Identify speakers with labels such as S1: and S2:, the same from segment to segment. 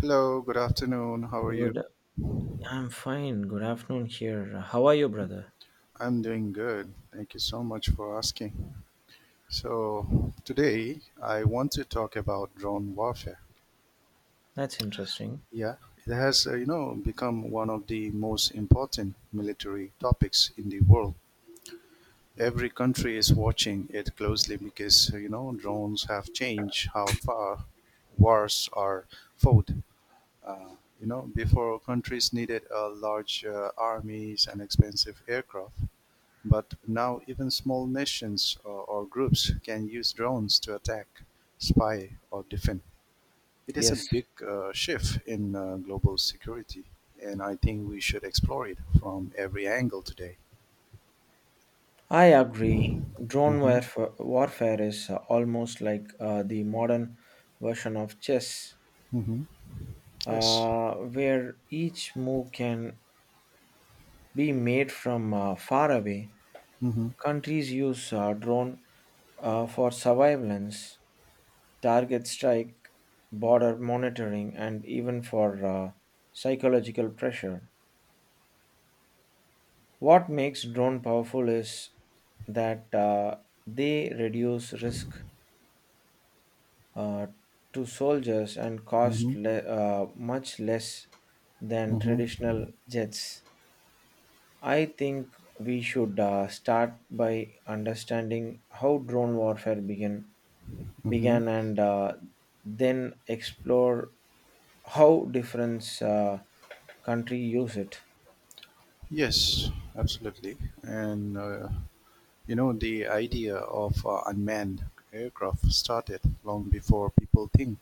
S1: Hello, good afternoon. How are you?
S2: Good. I'm fine. Good afternoon here. How are you, brother?
S1: I'm doing good. Thank you so much for asking. So, today I want to talk about drone warfare.
S2: That's interesting.
S1: Yeah, it has, become one of the most important military topics in the world. Every country is watching it closely because, drones have changed how far wars are fought. Uh, before countries needed large armies and expensive aircraft. But now even small nations or groups can use drones to attack, spy, or defend. It is a
S2: Yes,
S1: big shift in global security, and I think we should explore it from every angle today.
S2: I agree. Drone
S1: Mm-hmm.
S2: warfare is almost like the modern version of chess,
S1: Mm-hmm. Yes.
S2: where each move can be made from far away.
S1: Mm-hmm.
S2: Countries use drone for surveillance, target strike, border monitoring, and even for psychological pressure. What makes drone powerful is that they reduce risk uh, to soldiers and cost
S1: Mm-hmm.
S2: le- uh, much less than
S1: Mm-hmm.
S2: traditional jets. I think we should start by understanding how drone warfare began,
S1: Mm-hmm.
S2: began and then explore how different country use it.
S1: Yes, absolutely. And the idea of unmanned aircraft started long before people think,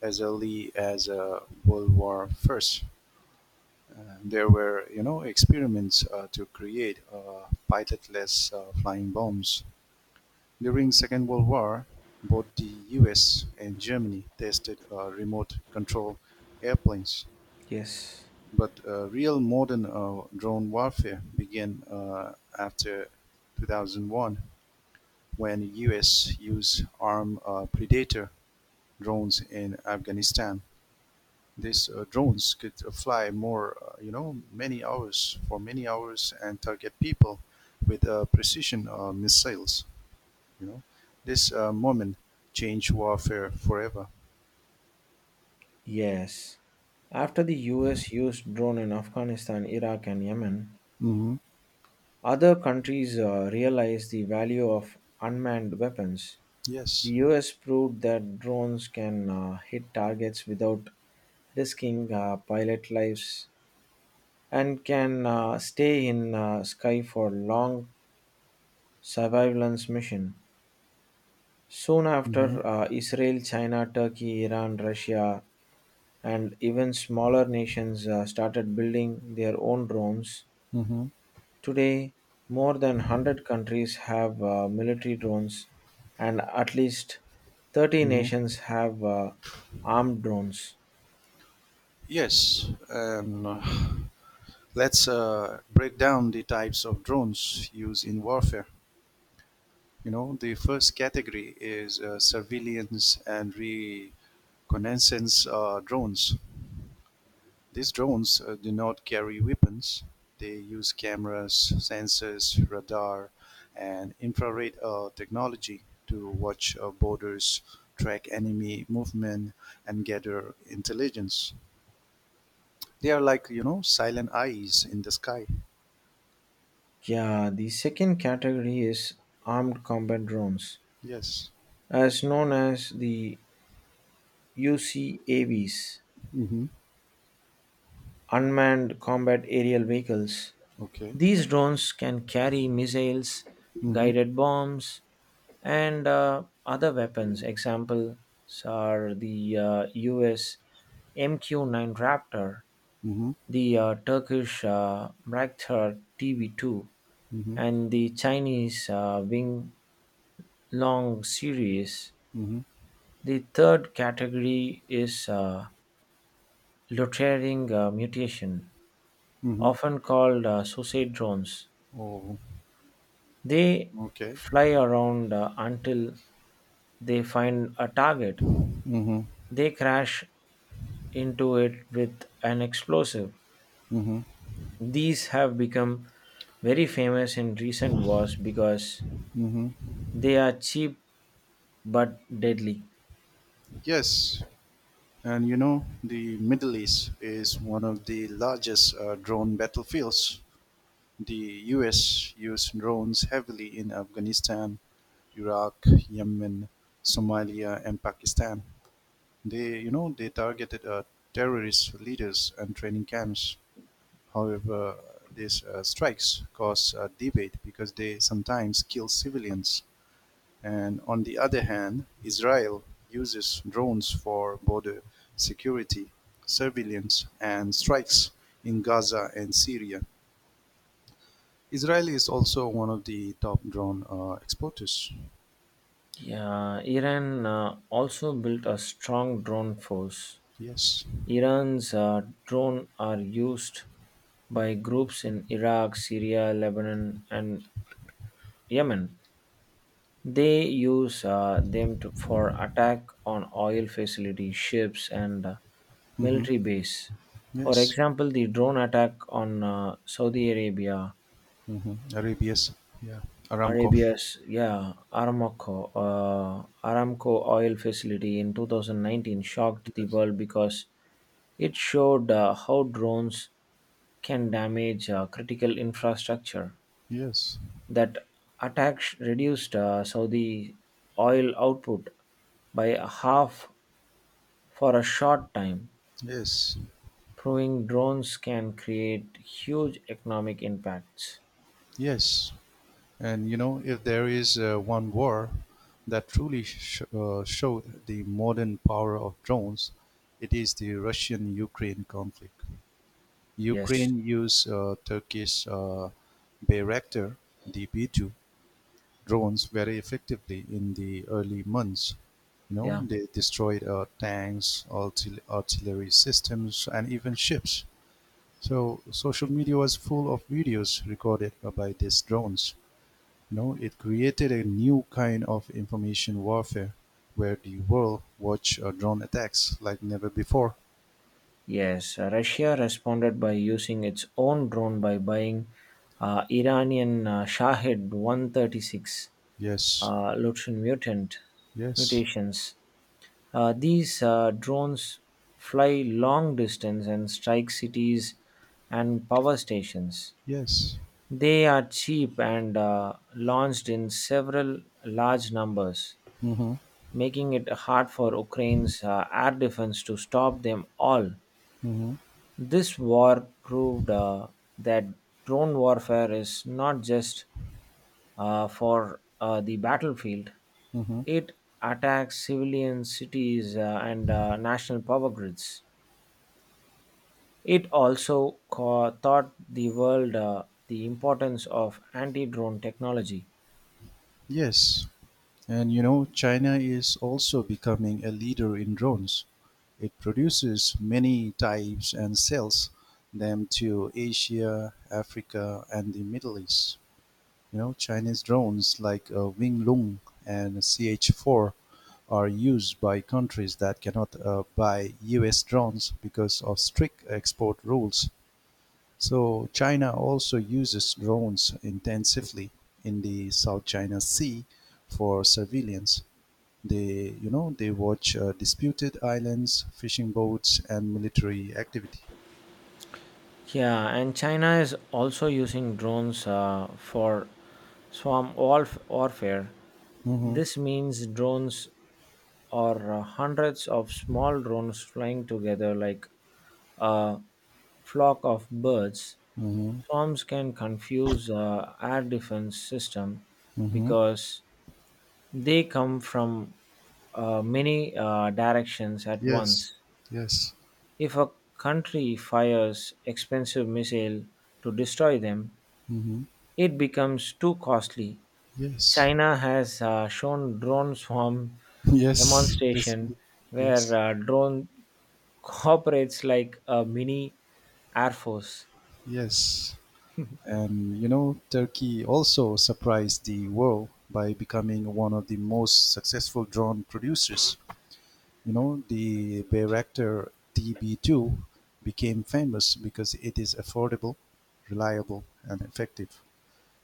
S1: as early as World War First. There were, you know, experiments to create pilotless flying bombs. During Second World War, both the U.S. and Germany tested remote control airplanes,
S2: Yes.
S1: but real modern drone warfare began after 2001 when U.S. used armed Predator drones in Afghanistan. These drones could you know, many hours and target people with precision missiles. You know, this moment changed warfare forever.
S2: Yes. After the US used drone in Afghanistan, Iraq, and Yemen,
S1: Hmm.
S2: other countries realized the value of unmanned weapons. The
S1: Yes.
S2: US proved that drones can hit targets without risking pilot lives and can stay in sky for long surveillance mission. Soon
S1: Hmm.
S2: after, Israel, China, Turkey, Iran, Russia, and even smaller nations started building their own drones.
S1: Hmm.
S2: Today, more than 100 countries have military drones, and at least 30
S1: Hmm.
S2: nations have armed drones.
S1: Yes, and let's break down the types of drones used in warfare. You know, the first category is surveillance and reconnaissance drones. These drones do not carry weapons. They use cameras, sensors, radar, and infrared technology to watch borders, track enemy movement, and gather intelligence. They are like, you know, silent eyes in the sky.
S2: Yeah, the second category is armed combat drones,
S1: Yes.
S2: as known as the UCAVs,
S1: Mm-hmm.
S2: unmanned combat aerial vehicles.
S1: Okay.
S2: These drones can carry missiles,
S1: Mm-hmm.
S2: guided bombs, and other weapons. Examples are the US MQ-9 Raptor,
S1: Mm-hmm.
S2: the Turkish Braktar TB2,
S1: Mm-hmm.
S2: and the Chinese Wing Long series.
S1: Mm-hmm.
S2: The third category is loitering mutation,
S1: Mm-hmm.
S2: often called suicide drones.
S1: Oh,
S2: They
S1: okay.
S2: fly around until they find a target.
S1: Mm-hmm.
S2: They crash into it with an explosive.
S1: Mm-hmm.
S2: These have become very famous in recent wars because
S1: Mm-hmm.
S2: they are cheap but deadly.
S1: Yes. And you know, the Middle East is one of the largest drone battlefields. The US used drones heavily in Afghanistan, Iraq, Yemen, Somalia, and Pakistan. They targeted terrorist leaders and training camps. However, these strikes cause debate because they sometimes kill civilians. And on the other hand, Israel uses drones for border security, surveillance, and strikes in Gaza and Syria. Israel is also one of the top drone exporters.
S2: Yeah, Iran also built a strong drone force.
S1: Yes.
S2: Iran's drone are used by groups in Iraq, Syria, Lebanon, and Yemen. They use them for attack on oil facilities, ships, and
S1: Hmm.
S2: military base. For
S1: Yes.
S2: example, the drone attack on uh, Saudi Arabia,
S1: Hmm. Arabia's. Yeah. Aramco.
S2: Arabia's yeah Aramco uh, Aramco oil facility in 2019 shocked the
S1: Yes.
S2: world because it showed how drones can damage critical infrastructure.
S1: Yes.
S2: That attack reduced Saudi oil output by half for a short time,
S1: Yes.
S2: proving drones can create huge economic impacts.
S1: Yes. And you know, if there is one war that truly showed the modern power of drones, it is the Russian-Ukraine conflict.
S2: Yes,
S1: Ukraine used Turkish Bayraktar DB2 drones very effectively in the early months. You know,
S2: yeah,
S1: they destroyed tanks, artillery systems, and even ships. So social media was full of videos recorded by these drones. No, it created a new kind of information warfare where the world watched drone attacks like never before.
S2: yes. Russia responded by using its own drone by buying Iranian Shahid 136
S1: Yes,
S2: uh, Lutron mutant
S1: yes,
S2: mutations. These drones fly long distance and strike cities and power stations.
S1: yes.
S2: They are cheap and launched in several large numbers,
S1: Mm-hmm,
S2: making it hard for Ukraine's air defense to stop them all.
S1: mm-hmm,
S2: This war proved that drone warfare is not just for the battlefield,
S1: mm-hmm.
S2: it attacks civilian cities and national power grids. It also taught the world the importance of anti drone technology.
S1: Yes. And you know, China is also becoming a leader in drones. It produces many types and sells them to Asia, Africa, and the Middle East. You know, Chinese drones like Wing Lung and CH4 are used by countries that cannot buy US drones because of strict export rules. So China also uses drones intensively in the South China Sea for surveillance. They watch disputed islands, fishing boats, and military activity.
S2: Yeah, and China is also using drones for swarm warfare.
S1: Hmm.
S2: This means drones or hundreds of small drones flying together like a flock of birds.
S1: Hmm.
S2: Swarms can confuse air defense system
S1: Hmm.
S2: because they come from many directions at
S1: Yes.
S2: once.
S1: Yes.
S2: If a country fires expensive missile to destroy them,
S1: Hmm.
S2: it becomes too costly.
S1: Yes.
S2: China has shown drone swarm
S1: Yes. Yes.
S2: demonstration where
S1: Yes.
S2: drone cooperates like a mini air force.
S1: Yes. And you know, Turkey also surprised the world by becoming one of the most successful drone producers. You know, the Bayraktar TB2 became famous because it is affordable, reliable, and effective.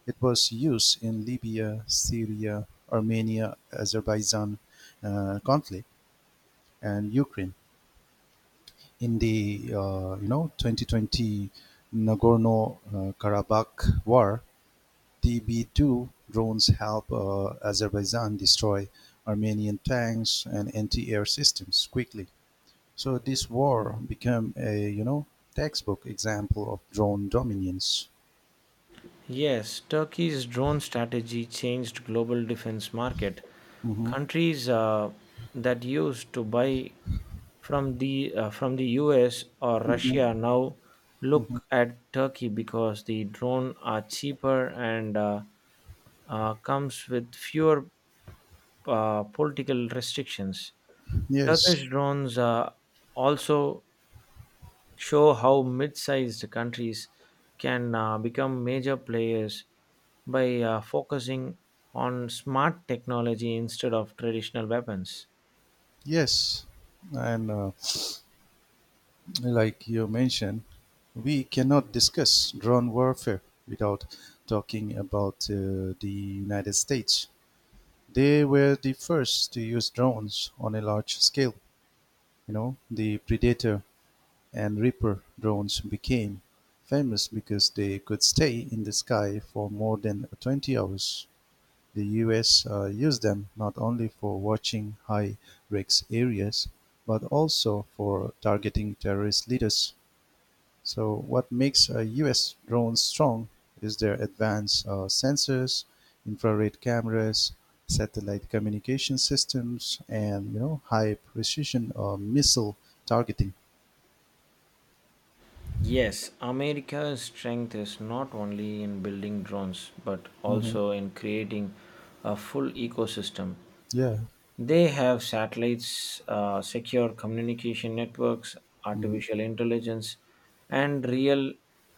S1: It was used in Libya, Syria, Armenia, Azerbaijan conflict, and Ukraine. In the 2020 Nagorno-Karabakh war, TB-two drones help Azerbaijan destroy Armenian tanks and anti-air systems quickly. So this war became a, you know, textbook example of drone dominance.
S2: Yes, Turkey's drone strategy changed global defense market.
S1: Hmm.
S2: Countries that used to buy from the US or
S1: Hmm.
S2: Russia now
S1: Hmm.
S2: look at Turkey because the drone are cheaper and comes with fewer political restrictions.
S1: Yes,
S2: Turkish drones also show how mid-sized countries can become major players by focusing on smart technology instead of traditional weapons.
S1: yes, and like you mentioned, we cannot discuss drone warfare without talking about the United States. They were the first to use drones on a large scale. You know, the Predator and Reaper drones became famous because they could stay in the sky for more than 20 hours. The US used them not only for watching high risk areas, but also for targeting terrorist leaders. So, what makes US drones strong is their advanced sensors, infrared cameras, satellite communication systems, and you know, high precision missile targeting.
S2: Yes, America's strength is not only in building drones but
S1: Mhm.
S2: also in creating a full ecosystem.
S1: Yeah.
S2: They have satellites, secure communication networks,
S1: Mhm.
S2: artificial intelligence, and real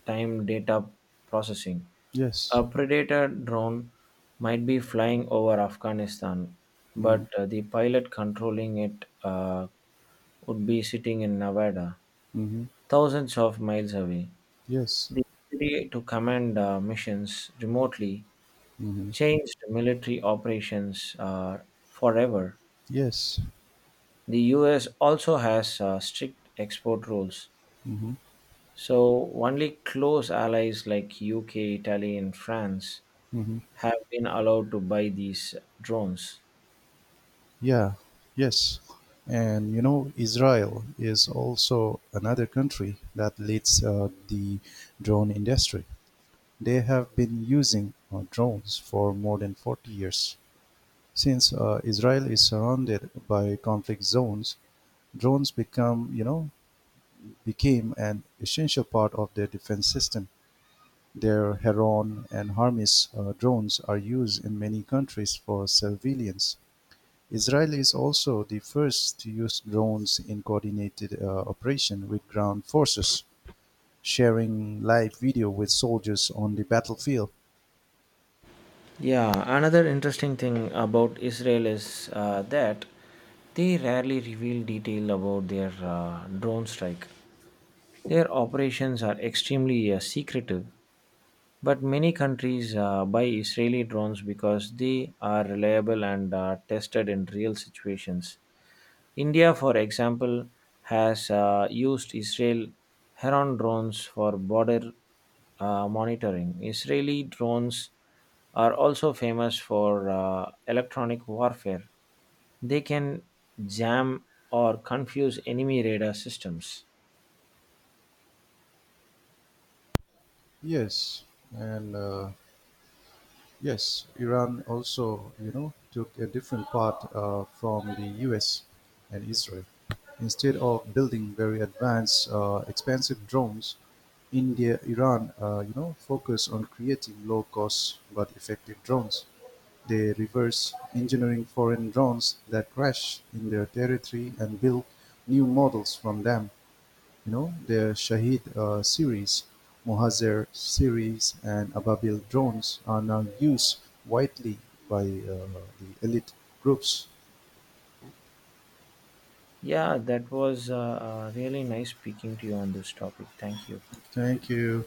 S2: time data processing.
S1: Yes.
S2: A predator drone might be flying over Afghanistan,
S1: Mhm.
S2: but the pilot controlling it would be sitting in Nevada,
S1: Mhm.
S2: thousands of miles away.
S1: Yes.
S2: The ability to command missions remotely
S1: Mhm.
S2: changed military operations forever.
S1: Yes.
S2: The US also has strict export rules,
S1: Mhm.
S2: so only close allies like UK, Italy, and France
S1: Mhm.
S2: have been allowed to buy these drones.
S1: Yeah. Yes. And you know, Israel is also another country that leads the drone industry. They have been using drones for more than 40 years. Since Israel is surrounded by conflict zones, drones become, you know, became an essential part of their defense system. Their Heron and Hermes drones are used in many countries for surveillance. Israel is also the first to use drones in coordinated operation with ground forces, sharing live video with soldiers on the battlefield.
S2: Yeah, another interesting thing about Israel is that they rarely reveal detail about their drone strike. Their operations are extremely secretive, but many countries buy Israeli drones because they are reliable and tested in real situations. India, for example, has used Israel Heron drones for border monitoring. Israeli drones are also famous for electronic warfare. They can jam or confuse enemy radar systems.
S1: Yes, and uh, yes, Iran also, you know, took a different path from the U.S. and Israel. Instead of building very advanced, expensive drones, India, Iran, you know, focus on creating low-cost but effective drones. They reverse engineering foreign drones that crash in their territory and build new models from them. You know, their Shahid series, Mohazer series, and Ababil drones are now used widely by the elite groups.
S2: Yeah, that was really nice speaking to you on this topic. Thank you.
S1: Thank you.